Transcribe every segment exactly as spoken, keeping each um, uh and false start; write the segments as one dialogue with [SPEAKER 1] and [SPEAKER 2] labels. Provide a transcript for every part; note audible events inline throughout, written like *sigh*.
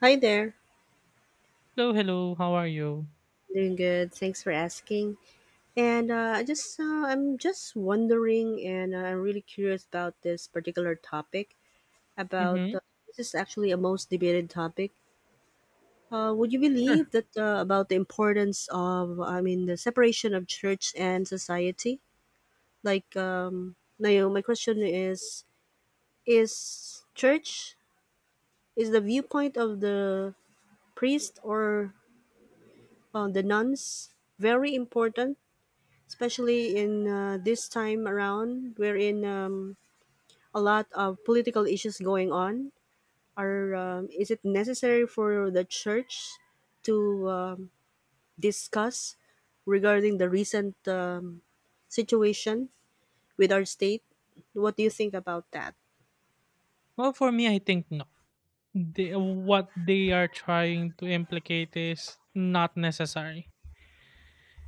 [SPEAKER 1] Hi there.
[SPEAKER 2] Hello, hello. How are you?
[SPEAKER 1] Doing good. Thanks for asking. And uh, I just uh, I'm just wondering, and uh, I'm really curious about this particular topic. About
[SPEAKER 2] Mm-hmm.
[SPEAKER 1] uh, This is actually a most debated topic. Uh, would you
[SPEAKER 2] Sure.
[SPEAKER 1] believe that uh, about the importance of I mean the separation of church and society? Like, um, now you know, my question is: Is church, is the viewpoint of the priest or uh, the nuns very important, especially in uh, this time around, wherein, um, a lot of political issues going on, are um, is it necessary for the church to um, discuss regarding the recent um, situation with our state? What do you think about that?
[SPEAKER 2] Well, for me, I think no. They, what they are trying to implicate is not necessary.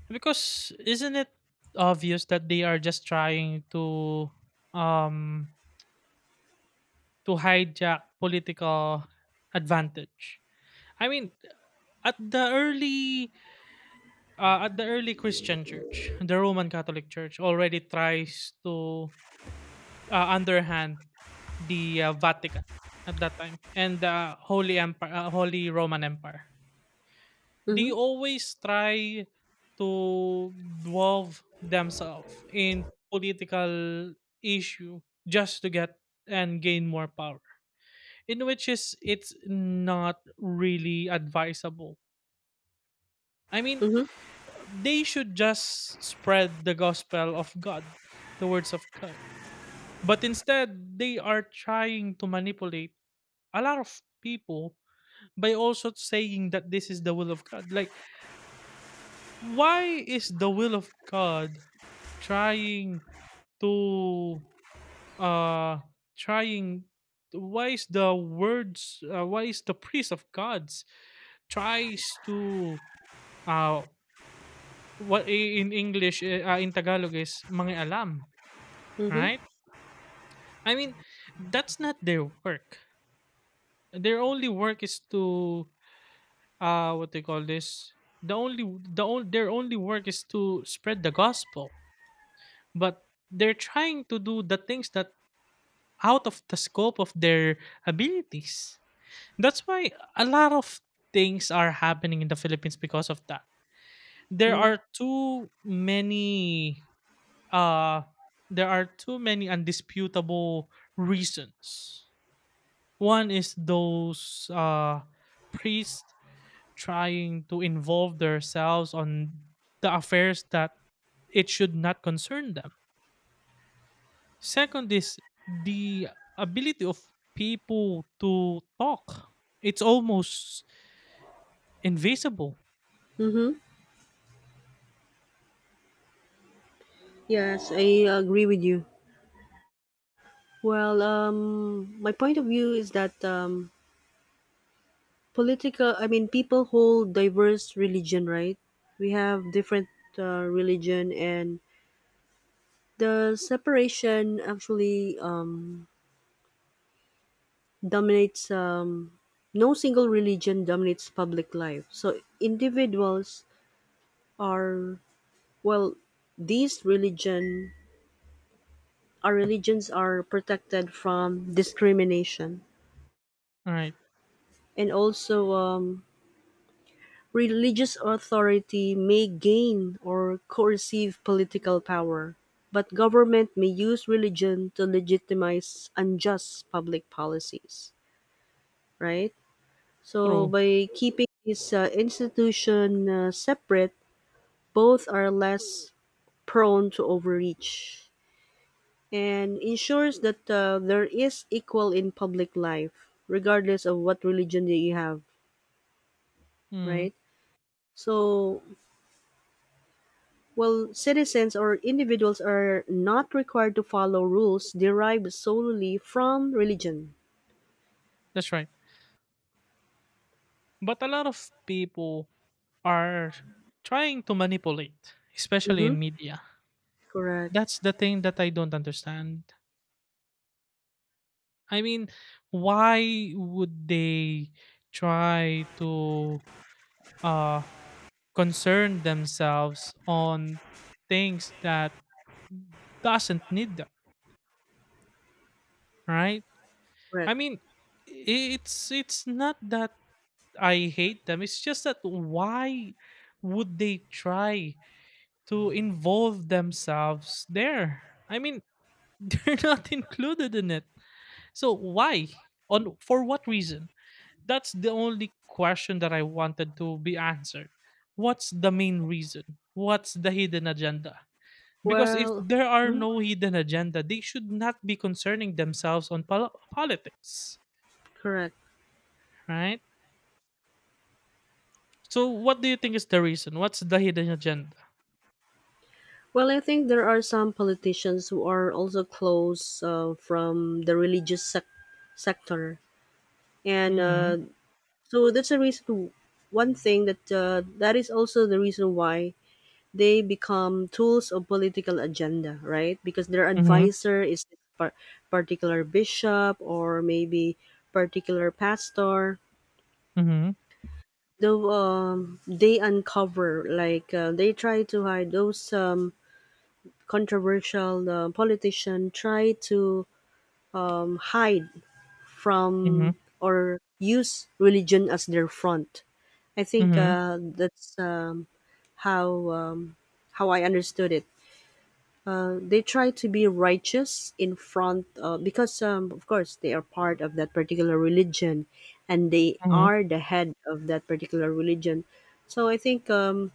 [SPEAKER 2] Because isn't it obvious that they are just trying to um to hijack political advantage? I mean, at the early uh, at the early Christian church, the Roman Catholic Church already tries to uh, under the uh, Vatican at that time and the Holy Empire, uh, Holy Roman Empire. They
[SPEAKER 1] Mm-hmm.
[SPEAKER 2] always try to dwarf themselves in political issue just to get and gain more power in which is it's not really advisable. I mean,
[SPEAKER 1] Mm-hmm.
[SPEAKER 2] they should just spread the gospel of God, the words of God, but instead they are trying to manipulate a lot of people by also saying that this is the will of God. Like, why is the will of God trying to uh trying why is the words uh, why is the priest of God's tries to uh what i- in English eh, uh, in Tagalog is mangialam,
[SPEAKER 1] Mm-hmm.
[SPEAKER 2] right? I mean, that's not their work. Their only work is to uh what they call this, the only the on, their only work is to spread the gospel, but they're trying to do the things that out of the scope of their abilities. That's why a lot of things are happening in the Philippines because of that. There
[SPEAKER 1] Mm-hmm.
[SPEAKER 2] are too many uh there are too many undisputable reasons. One is those uh priests trying to involve themselves on the affairs that it should not concern them. Second is the ability of people to talk. It's almost invisible.
[SPEAKER 1] Mm-hmm. Yes, I agree with you. Well um, my point of view is that, um, political, i mean people hold diverse religion, right? We have different uh, religion, and the separation actually um, dominates um, no single religion dominates public life, so individuals are, well, these religion, our religions are protected from discrimination.
[SPEAKER 2] All right.
[SPEAKER 1] And also um, Religious authority may gain or coercive political power, but government may use religion to legitimize unjust public policies, right? So
[SPEAKER 2] True.
[SPEAKER 1] by keeping this uh, institution uh, separate, both are less prone to overreach and ensures that uh, there is equal in public life regardless of what religion that you have,
[SPEAKER 2] Mm,
[SPEAKER 1] right? So, well, citizens or individuals are not required to follow rules derived solely from religion.
[SPEAKER 2] that's right. But a lot of people are trying to manipulate, especially
[SPEAKER 1] Mm-hmm.
[SPEAKER 2] in media.
[SPEAKER 1] Correct.
[SPEAKER 2] That's the thing that I don't understand. I mean, why would they try to uh, concern themselves on things that doesn't need them, right? I
[SPEAKER 1] Correct.
[SPEAKER 2] mean, i- it's it's not that I hate them. It's just that why would they try to involve themselves there? I mean, *laughs* they're not included in it. So why? On for what reason? That's the only question that I wanted to be answered. What's the main reason? What's the hidden agenda? Because if
[SPEAKER 1] Well,
[SPEAKER 2] there are
[SPEAKER 1] mhm,
[SPEAKER 2] no hidden agenda, they should not be concerning themselves on pol- politics,
[SPEAKER 1] correct.
[SPEAKER 2] right? So, what do you think is the reason? What's the hidden agenda?
[SPEAKER 1] Well, I think there are some politicians who are also close uh, from the religious sec- sector, and
[SPEAKER 2] Mm-hmm.
[SPEAKER 1] uh, so that's a reason. One thing that uh, that is also the reason why they become tools of political agenda, right? Because their
[SPEAKER 2] Mm-hmm.
[SPEAKER 1] advisor is this par- particular bishop or maybe particular pastor.
[SPEAKER 2] Mm-hmm.
[SPEAKER 1] Though um, they uncover, like, uh, they try to hide those, um, controversial, uh, politician try to um, hide
[SPEAKER 2] Mm-hmm.
[SPEAKER 1] from or use religion as their front. I think
[SPEAKER 2] Mm-hmm.
[SPEAKER 1] uh, that's um, how, um, how I understood it. Uh, they try to be righteous in front, uh, because, um, of course they are part of that particular religion and they
[SPEAKER 2] Mm-hmm.
[SPEAKER 1] are the head of that particular religion, so I think, um,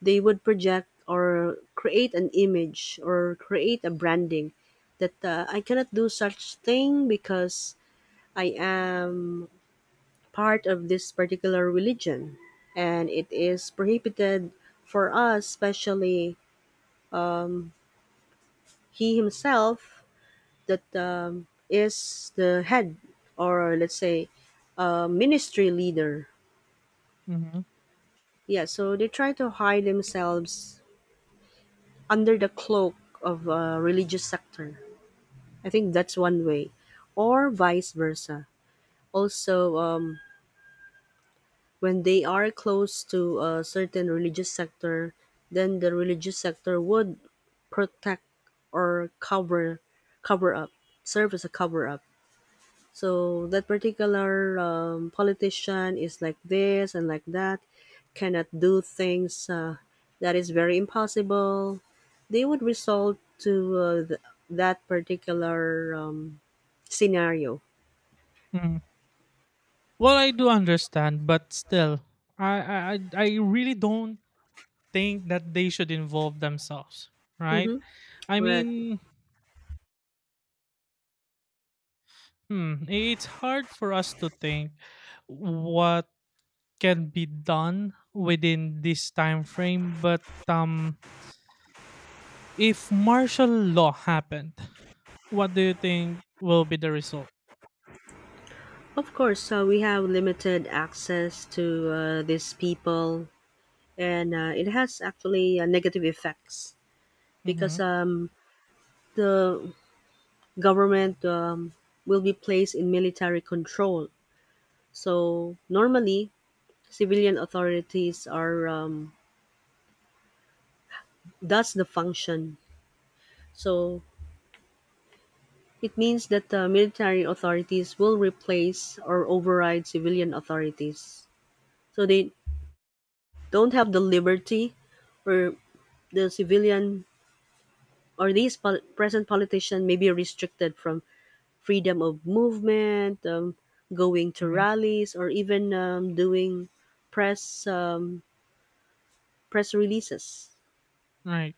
[SPEAKER 1] they would project or create an image or create a branding that, uh, I cannot do such thing because I am part of this particular religion and it is prohibited for us, especially he himself, that, um, is the head, or let's say a ministry leader.
[SPEAKER 2] Mm-hmm.
[SPEAKER 1] Yeah, so they try to hide themselves under the cloak of a religious sector. I think that's one way, or vice versa. Also, um, when they are close to a certain religious sector, then the religious sector would protect or cover cover up, serve as a cover up. So that particular, um, politician is like this and like that, cannot do things uh, that is very impossible. They would result to, uh, th- that particular, um, scenario.
[SPEAKER 2] Mm-hmm. Well, I do understand, but still, I I I I really don't think that they should involve themselves, right?
[SPEAKER 1] Mm-hmm.
[SPEAKER 2] I
[SPEAKER 1] Correct.
[SPEAKER 2] mean, hmm, it's hard for us to think what can be done within this time frame, but um, if martial law happened, what do you think will be the result?
[SPEAKER 1] Of course, uh, we have limited access to uh, these people, and uh, it has actually uh, negative effects
[SPEAKER 2] Mm-hmm,
[SPEAKER 1] because, um, the government, um, will be placed in military control. So normally, civilian authorities are, um, that's the function. So it means that the military authorities will replace or override civilian authorities. So they don't have the liberty, or the civilian or these pol- present politician may be restricted from freedom of movement, um, going to
[SPEAKER 2] mm-hmm.
[SPEAKER 1] rallies, or even, um, doing press, um, press releases.
[SPEAKER 2] Right,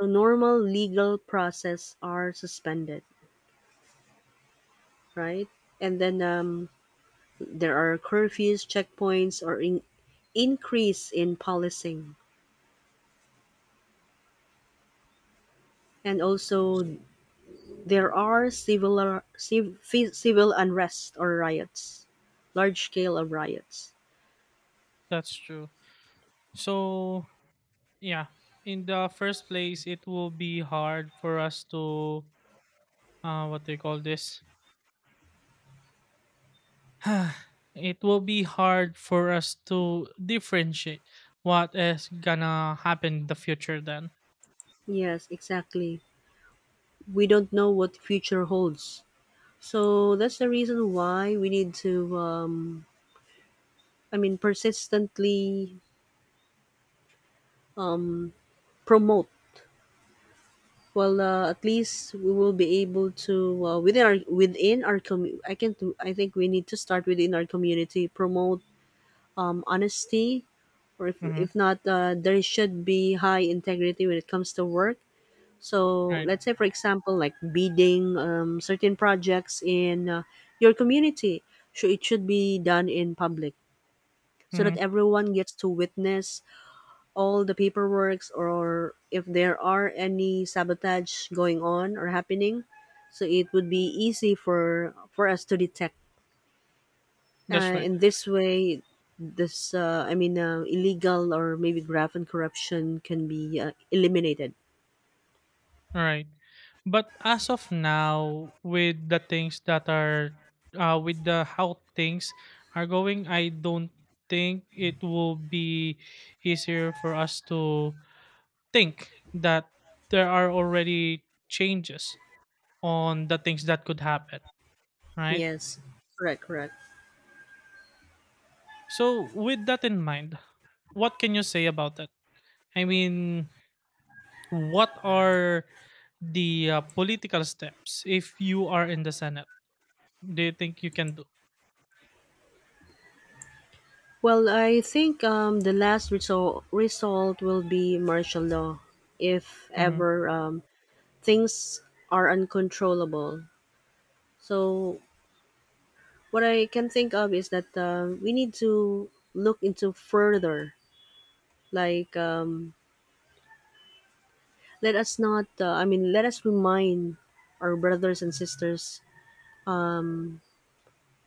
[SPEAKER 1] So normal legal process are suspended, right? And then, um, there are curfews, checkpoints, or in- increase in policing. And also there are civil, uh, civ- fi- civil unrest or riots, large scale of riots.
[SPEAKER 2] that's true. So, yeah, in the first place, it will be hard for us to, uh, what do you call this? *sighs* It will be hard for us to differentiate what is gonna happen in the future then.
[SPEAKER 1] Yes, exactly. We don't know what future holds. So that's the reason why we need to, um, I mean, persistently, um, promote, well, uh, at least we will be able to, uh, within our within our commu- I can do I think we need to start within our community. Promote, um, honesty, or if,
[SPEAKER 2] Mm-hmm.
[SPEAKER 1] if not, uh, there should be high integrity when it comes to work. So
[SPEAKER 2] Right.
[SPEAKER 1] let's say, for example, like bidding, um, certain projects in, uh, your community, so it should be done in public so that
[SPEAKER 2] Mm-hmm.
[SPEAKER 1] everyone gets to witness all the paperworks, or if there are any sabotage going on or happening, so it would be easy for for us to detect,
[SPEAKER 2] That's
[SPEAKER 1] uh,
[SPEAKER 2] right.
[SPEAKER 1] in this way, this, uh, i mean uh, illegal or maybe graft and corruption can be uh, eliminated.
[SPEAKER 2] Right. But as of now, with the things that are, uh, with the how things are going, I don't think it will be easier for us to think that there are already changes on the things that could happen, right?
[SPEAKER 1] Yes, correct correct
[SPEAKER 2] So, with that in mind, what can you say about that? I mean, what are the uh, political steps if you are in the Senate? Do you think you can do?
[SPEAKER 1] well i think um, the last result result will be martial law, if
[SPEAKER 2] Mm-hmm.
[SPEAKER 1] ever, um, things are uncontrollable. So what I can think of is that, uh, we need to look into further. Like, um, let us not. Uh, I mean, let us remind our brothers and sisters,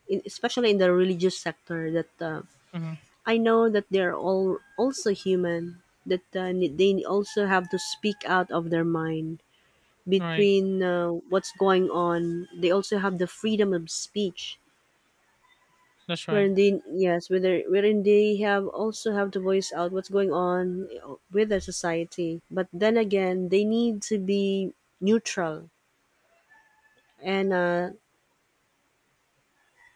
[SPEAKER 1] in, especially in the religious sector, that, uh,
[SPEAKER 2] Mhm.
[SPEAKER 1] I know that they are all also human. That uh, ne- they also have to speak out of their mind
[SPEAKER 2] Right.
[SPEAKER 1] between, uh, what's going on. They also have the freedom of speech,
[SPEAKER 2] That's right.
[SPEAKER 1] wherein they, yes, whether wherein they have also have to voice out what's going on with the society, but then again they need to be neutral, and uh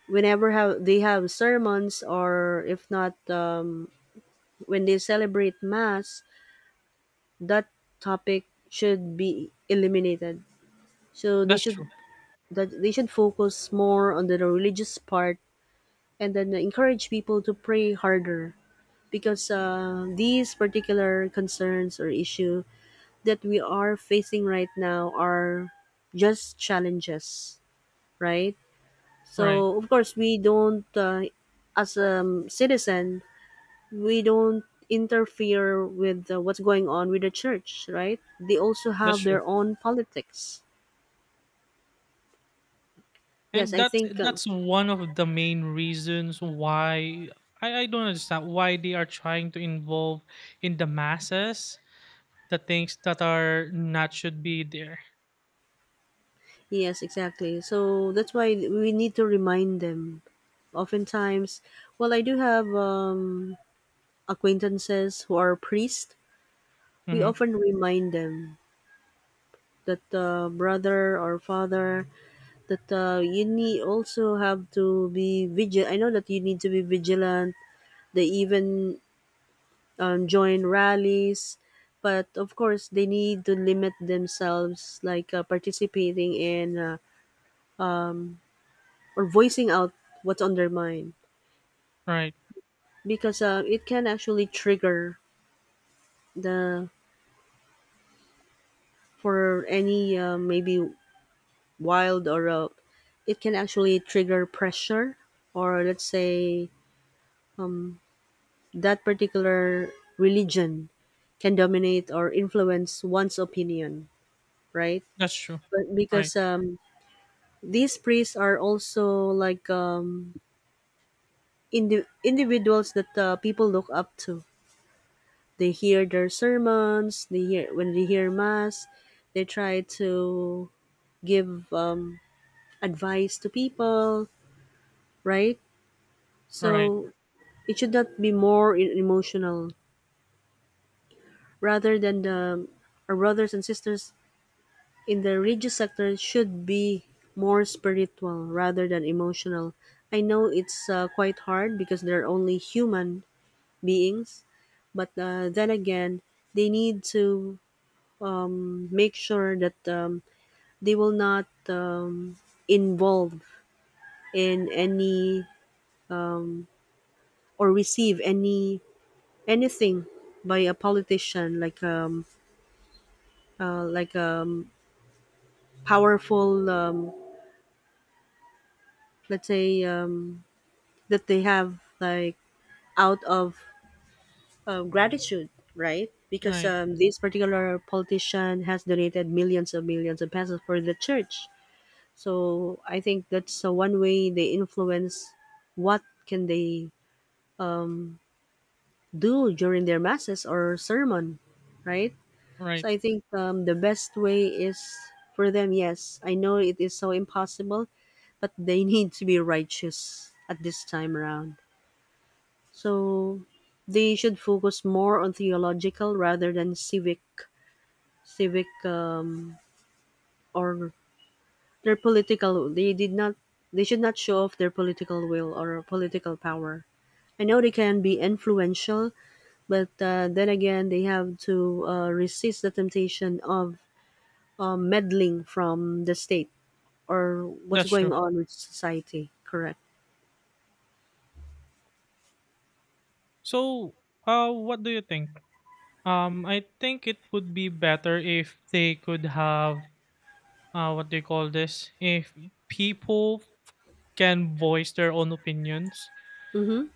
[SPEAKER 1] whenever have they have sermons, or if not, um when they celebrate mass, that topic should be eliminated, so they
[SPEAKER 2] That's
[SPEAKER 1] should,
[SPEAKER 2] true.
[SPEAKER 1] that they should focus more on the religious part, and then encourage people to pray harder, because, uh, these particular concerns or issue that we are facing right now are just challenges, right?
[SPEAKER 2] Right.
[SPEAKER 1] So of course we don't, uh, as a, um, citizen, we don't interfere with, uh, what's going on with the church, right? They also
[SPEAKER 2] That's
[SPEAKER 1] have
[SPEAKER 2] true.
[SPEAKER 1] their own politics. Yes,
[SPEAKER 2] And
[SPEAKER 1] I
[SPEAKER 2] that's
[SPEAKER 1] think, uh,
[SPEAKER 2] that's one of the main reasons why I, I don't understand why they are trying to involve in the masses the things that are not should be there.
[SPEAKER 1] yes, exactly, so that's why we need to remind them oftentimes. Well i do have um, acquaintances who are priests. We
[SPEAKER 2] Hmm.
[SPEAKER 1] often remind them that, uh, brother or father, that, uh, you need also have to be vigilant. I know that you need to be vigilant. They even, um, join rallies, but of course they need to limit themselves, like, uh, participating in, uh, or voicing out what's on their mind,
[SPEAKER 2] Right.
[SPEAKER 1] because, uh, it can actually trigger the, for any, uh, maybe wild, or, uh, it can actually trigger pressure, or let's say that particular religion can dominate or influence one's opinion, right?
[SPEAKER 2] That's true.
[SPEAKER 1] But
[SPEAKER 2] Right.
[SPEAKER 1] because, um, these priests are also like, um, indi- individuals that, uh, people look up to. They hear their sermons, they hear when they hear mass, they try to give, um, advice to people, right? So
[SPEAKER 2] Right.
[SPEAKER 1] it should not be more in- emotional. Rather than the, our brothers and sisters in the religious sector should be more spiritual rather than emotional. I know it's, uh, quite hard because they're only human beings, but, uh, then again, they need to, um, make sure that, um, they will not, um, involve in any or receive any, anything, by a politician, like, um, uh, like um, powerful, um, let's say, um, that they have, like, out of, um, gratitude, right? Because,
[SPEAKER 2] Right.
[SPEAKER 1] um, this particular politician has donated millions and millions of pesos for the church. So I think that's, uh, one way they influence what can they, um, do during their masses or sermon, right? So
[SPEAKER 2] Right.
[SPEAKER 1] I think, um, the best way is for them. Yes, I know it is so impossible, but they *laughs* need to be righteous at this time around. So they should focus more on theological rather than civic, civic um, or their political. They did not. They should not show off their political will or political power. I know they can be influential, but, uh, then again, they have to, uh, resist the temptation of, um, meddling from the state or what's
[SPEAKER 2] That's
[SPEAKER 1] going
[SPEAKER 2] true.
[SPEAKER 1] on with society. Correct.
[SPEAKER 2] So uh what do you think? Um I think it would be better if they could have uh what they call this, if people can voice their own opinions,
[SPEAKER 1] Mm-hmm.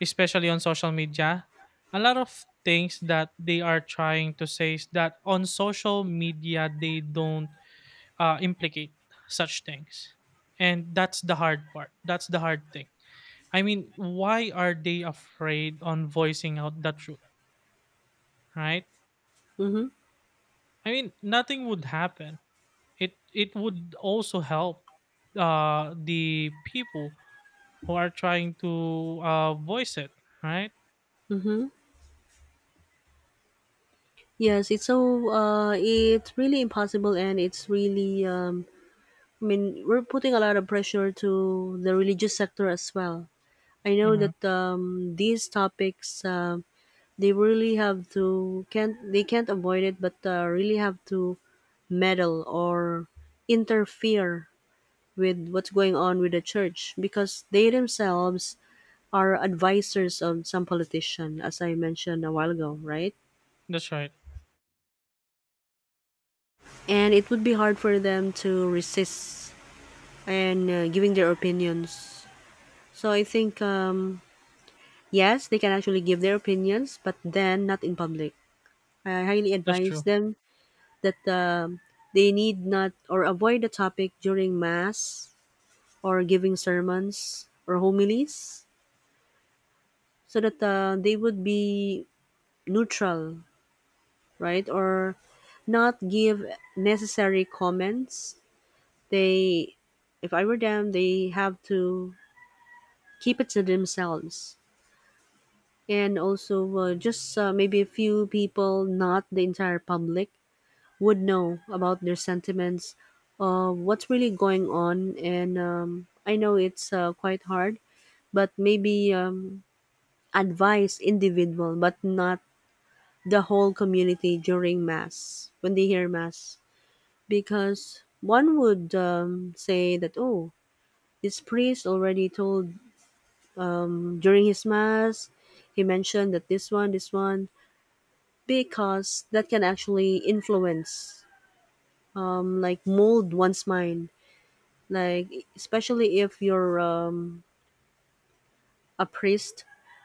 [SPEAKER 2] especially on social media. A lot of things that they are trying to say is that on social media they don't uh, implicate such things, and that's the hard part. That's the hard thing. I mean, why are they afraid on voicing out the truth, right?
[SPEAKER 1] Mm-hmm.
[SPEAKER 2] I mean, nothing would happen. It it would also help uh, the people who are trying to uh, voice it, right?
[SPEAKER 1] Mm-hmm. Yes, it's so, uh, it's really impossible, and it's really, um, I mean, we're putting a lot of pressure to the religious sector as well. I know
[SPEAKER 2] Mm-hmm.
[SPEAKER 1] that, um, these topics, uh, they really have to, can't, they can't avoid it, but, uh, really have to meddle or interfere with what's going on with the church, because they themselves are advisors of some politician, as I mentioned a while ago, right?
[SPEAKER 2] That's right.
[SPEAKER 1] And it would be hard for them to resist and, uh, giving their opinions. So I think, um, yes, they can actually give their opinions, but then not in public. I highly
[SPEAKER 2] That's
[SPEAKER 1] advise
[SPEAKER 2] true.
[SPEAKER 1] them that, um they need not or avoid the topic during mass or giving sermons or homilies, so that, uh, they would be neutral, right? Or not give necessary comments. They, if I were them, they have to keep it to themselves. And also, uh, just, uh, maybe a few people, not the entire public, would know about their sentiments, uh, what's really going on. And um, I know it's uh, quite hard, but maybe um, advise individual, but not the whole community during mass when they hear mass because one would um, say that oh this priest already told um, during his mass he mentioned that this one this one because that can actually influence um, like mold one's mind like especially if you're um, a priest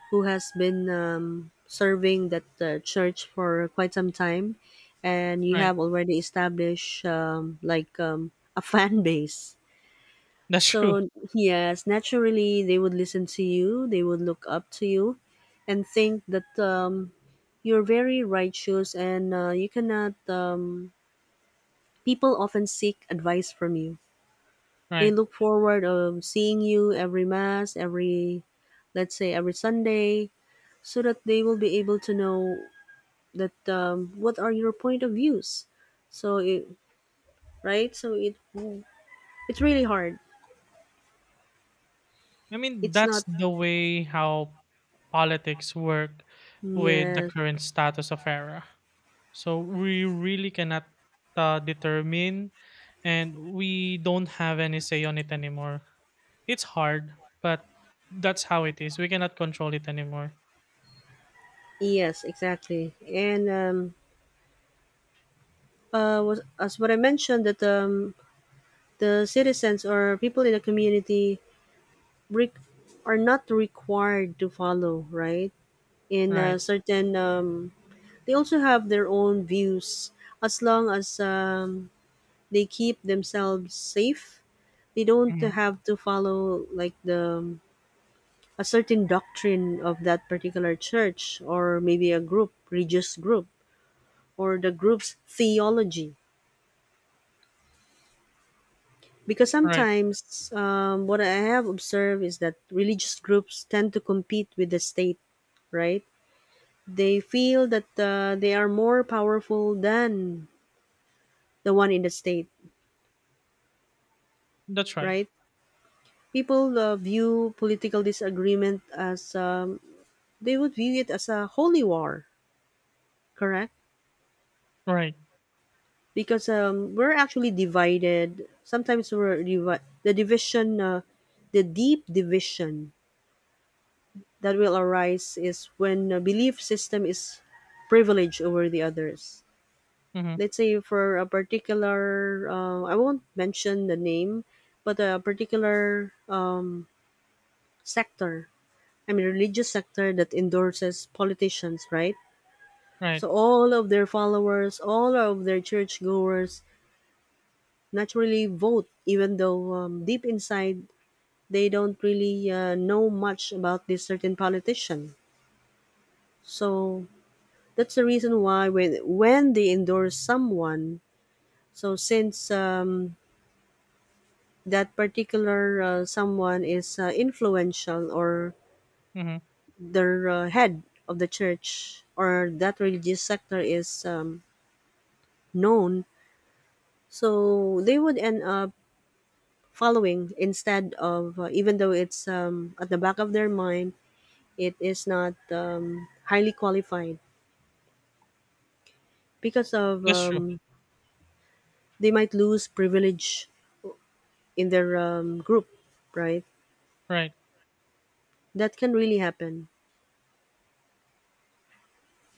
[SPEAKER 1] who has been um, serving that uh, church for quite some time and you
[SPEAKER 2] Right.
[SPEAKER 1] have already established um, like um, a *laughs* fan base.
[SPEAKER 2] That's *laughs* true.
[SPEAKER 1] So, yes, naturally, they would listen to you, they would look up to you, and think that um, you're very righteous and uh, you cannot. Um, people often seek advice from you. They
[SPEAKER 2] Right.
[SPEAKER 1] look forward of seeing you every mass, every, let's say, every Sunday, so that they will be able to know that um, what are your point of views. So, it, right? So it it's really hard.
[SPEAKER 2] I mean,
[SPEAKER 1] It's
[SPEAKER 2] that's
[SPEAKER 1] not.
[SPEAKER 2] the way how politics work with the
[SPEAKER 1] Yes.
[SPEAKER 2] current status of era. So we really cannot uh, determine, and we don't have any say on it anymore. It's hard, but that's how it is. We cannot control it anymore.
[SPEAKER 1] Yes, exactly. And um, uh, was, as what I mentioned, that um, the citizens or people in the community re- are not required to follow, right? In a
[SPEAKER 2] Right.
[SPEAKER 1] certain, um, they also have their own views as long as um, they keep themselves safe. They don't
[SPEAKER 2] Hmm.
[SPEAKER 1] have to follow like the um, a certain doctrine of that particular church or maybe a group, religious group, or the group's theology because
[SPEAKER 2] Right.
[SPEAKER 1] sometimes um, what I have observed is that religious groups tend to compete with the state, right? They feel that uh, they are more powerful than the one in the state,
[SPEAKER 2] That's right.
[SPEAKER 1] right? People uh, view political disagreement as um, they would view it as a holy war, correct?
[SPEAKER 2] Right.
[SPEAKER 1] Because um, we're actually divided. Sometimes we're divi- the division, uh, the deep division that will arise is when a belief system is privileged over the others.
[SPEAKER 2] Hmm.
[SPEAKER 1] Let's say for a particular, uh, I won't mention the name, but a particular um, sector, I mean, religious sector that endorses politicians, right?
[SPEAKER 2] Right.
[SPEAKER 1] So all of their followers, all of their churchgoers naturally vote, even though um, deep inside they don't really uh, know much about this certain politician. So that's the reason why when when they endorse someone, so since um, that particular uh, someone is uh, influential or
[SPEAKER 2] Hmm.
[SPEAKER 1] their uh, head of the church or that religious sector is um, known, so they would end up following instead of uh, even though it's um, at the back of their mind, it is not um, highly qualified because of
[SPEAKER 2] That's true.
[SPEAKER 1] um, they might lose privilege in their um, group, right?
[SPEAKER 2] Right.
[SPEAKER 1] That can really happen.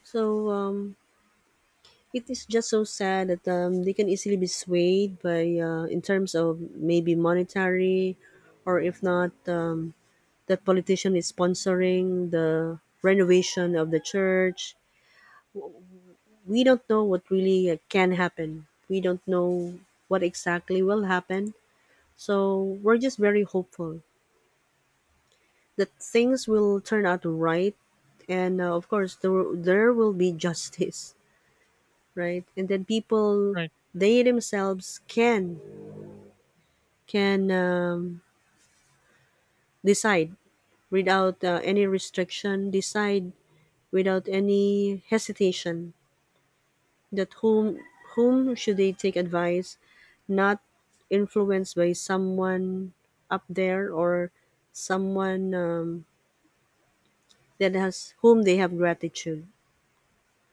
[SPEAKER 1] So um, it is just so sad that um, they can easily be swayed by uh, in terms of maybe monetary, or if not, um, that politician is sponsoring the renovation of the church. We don't know what really uh, can happen. We don't know what exactly will happen. So we're just very hopeful that things will turn out right, and uh, of course, there, there will be *laughs* justice right? And then people
[SPEAKER 2] Right.
[SPEAKER 1] they themselves can can um, decide without uh, any restriction, decide without any hesitation that whom whom should they take advice, not influenced by someone up there or someone um, that has whom they have gratitude.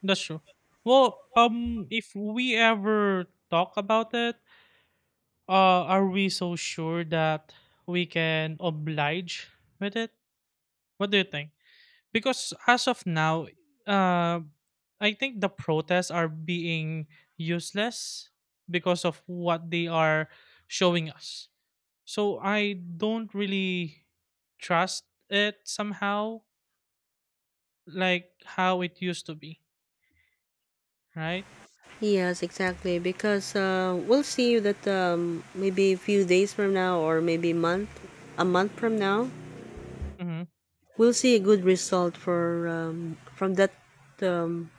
[SPEAKER 2] That's true. Well, um, if we ever talk about it, uh, are we so sure that we can oblige with it? What do you think? Because as of now, uh, I think the protests are being useless because of what they are showing us. So I don't really trust it somehow, like how it used to be, right?
[SPEAKER 1] Yes, exactly. Because uh, we'll see that um, maybe a few days from now, or maybe month, a month from now,
[SPEAKER 2] Mm-hmm.
[SPEAKER 1] we'll see a good result for um, from that um,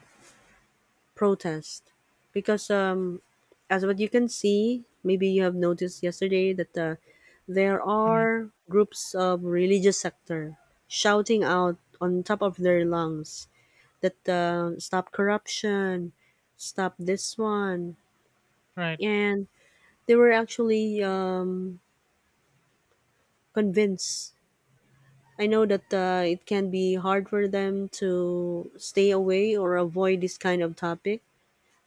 [SPEAKER 1] protest because um, as what you can see, maybe you have noticed yesterday that uh, there
[SPEAKER 2] Mm-hmm.
[SPEAKER 1] are groups of religious sector shouting out on top of their lungs that uh, stop corruption, stop this one,
[SPEAKER 2] Right.
[SPEAKER 1] and they were actually um, convinced. I know that uh, it can be hard for them to stay away or avoid this kind of topic.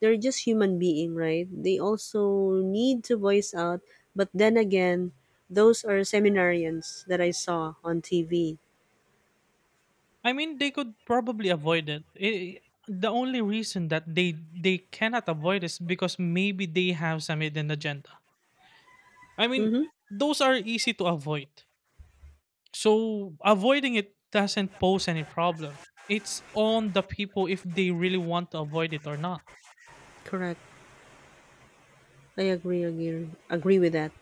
[SPEAKER 1] They're just human being, right? They also need to voice out, but then again, those are seminarians that I saw on T V.
[SPEAKER 2] I mean, they could probably avoid it. I the only reason that they they cannot avoid is because maybe they have some hidden agenda. I mean,
[SPEAKER 1] Mm-hmm.
[SPEAKER 2] those are easy to avoid. So avoiding it doesn't pose any problem. It's on the people if they really want to avoid it or not.
[SPEAKER 1] Correct. I agree, agree, agree with that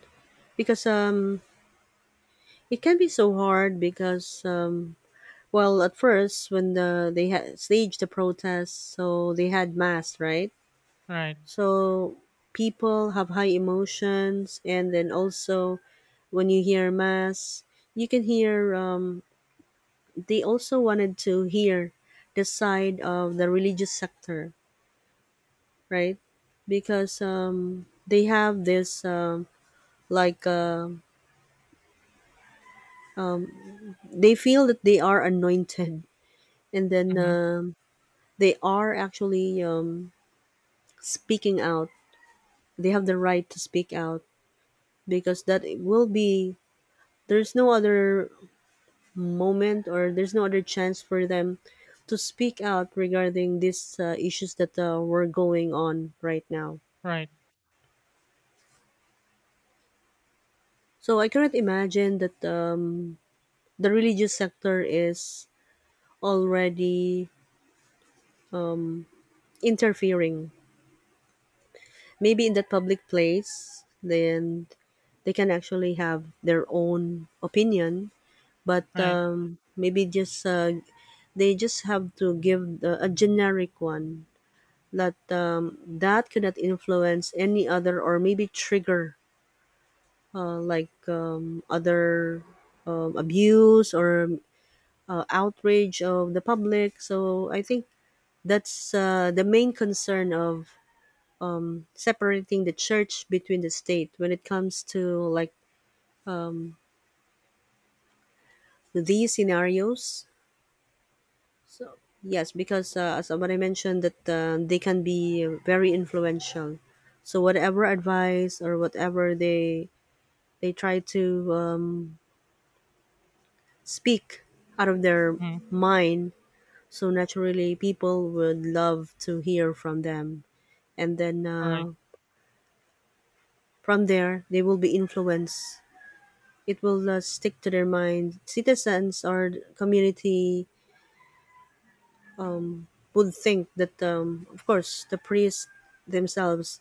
[SPEAKER 1] because um it can be so hard because um well at first when the they had staged the protests so they had mass, right?
[SPEAKER 2] Right.
[SPEAKER 1] So people have high emotions, and then also when you hear mass, you can hear um, they also wanted to hear the side of the religious sector, right? Because um, they have this um, like uh, they feel that they are anointed, *laughs* and then
[SPEAKER 2] Mm-hmm.
[SPEAKER 1] um, they are actually um, speaking out. They have the right to speak out because that will be there's no other moment or there's no other chance for them to speak out regarding these uh, issues that uh, were going on right now.
[SPEAKER 2] Right.
[SPEAKER 1] So I cannot imagine that um, the religious sector is already um, interfering. Maybe in that public place, then they can actually have their own opinion. But
[SPEAKER 2] Right.
[SPEAKER 1] um, maybe just uh, they just have to give the, a generic one that um, that could not influence any other or maybe trigger uh, like um, other um, abuse or uh, outrage of the public. So I think that's uh, the main concern of um, separating the church between the state when it comes to like these scenarios. So yes, because uh, as what I mentioned that uh, they can be very influential, so whatever advice or whatever they they try to um, speak out of their
[SPEAKER 2] Mm-hmm.
[SPEAKER 1] mind. So naturally, people would love to hear from them, and then
[SPEAKER 2] Right.
[SPEAKER 1] uh, from there they will be influenced. It will uh, stick to their mind. Citizens or community would think that, um, of course, the priests themselves,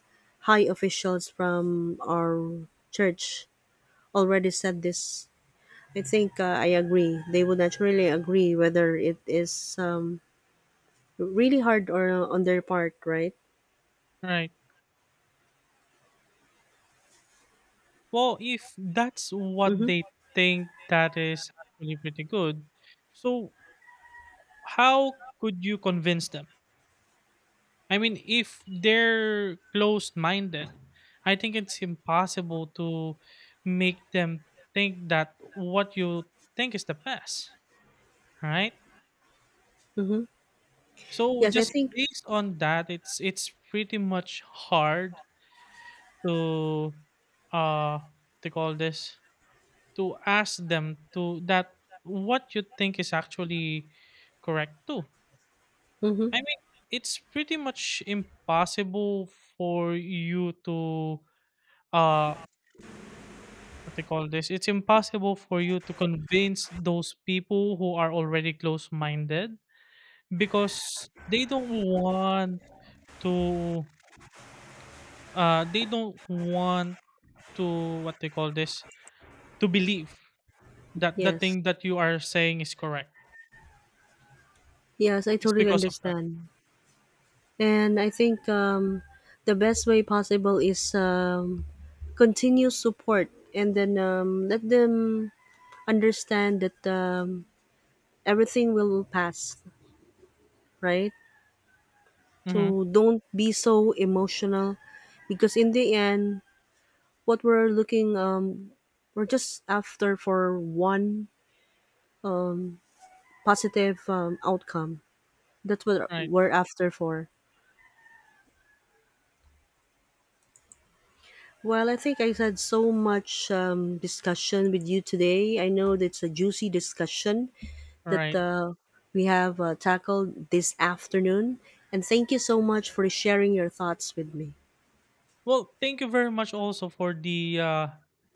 [SPEAKER 1] high officials from our church, already said this. I think uh, I agree. They would naturally agree whether it is um, really hard or uh, on their part, right?
[SPEAKER 2] Right. Well, if that's what
[SPEAKER 1] Mm-hmm.
[SPEAKER 2] they think, that is actually pretty good. So how could you convince them? I mean, if they're closed minded, I think it's impossible to make them think that what you think is the best, right?
[SPEAKER 1] Mm-hmm.
[SPEAKER 2] So
[SPEAKER 1] Yes, I
[SPEAKER 2] just
[SPEAKER 1] think.
[SPEAKER 2] based on that, it's it's pretty much hard to uh to call this, to ask them to that what you think is actually correct too.
[SPEAKER 1] Mm-hmm.
[SPEAKER 2] I mean, it's pretty much impossible for you to uh what they call this, it's impossible for you to convince those people who are already close-minded because they don't want to uh they don't want to what they call this, to believe that the
[SPEAKER 1] Yes,
[SPEAKER 2] thing that you are saying is correct.
[SPEAKER 1] yes, I
[SPEAKER 2] It's
[SPEAKER 1] totally
[SPEAKER 2] because of that.
[SPEAKER 1] understand, and I think um, the best way possible is um, continue support, and then um, let them understand that um, everything will pass, right?
[SPEAKER 2] Mm-hmm.
[SPEAKER 1] So don't be so emotional, because in the end, what we're looking um, we're just after for one positive um, outcome. That's what
[SPEAKER 2] Right,
[SPEAKER 1] we're after for. Well, I think I had so much um, discussion with you today. I know that's a juicy discussion that
[SPEAKER 2] right.
[SPEAKER 1] uh, we have uh, tackled this afternoon. And thank you so much for sharing your thoughts with me.
[SPEAKER 2] Well, thank you very much also for the uh,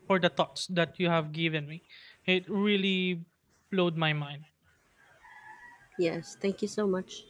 [SPEAKER 2] for the thoughts that you have given me. It really blowed my mind.
[SPEAKER 1] Yes, thank you so much.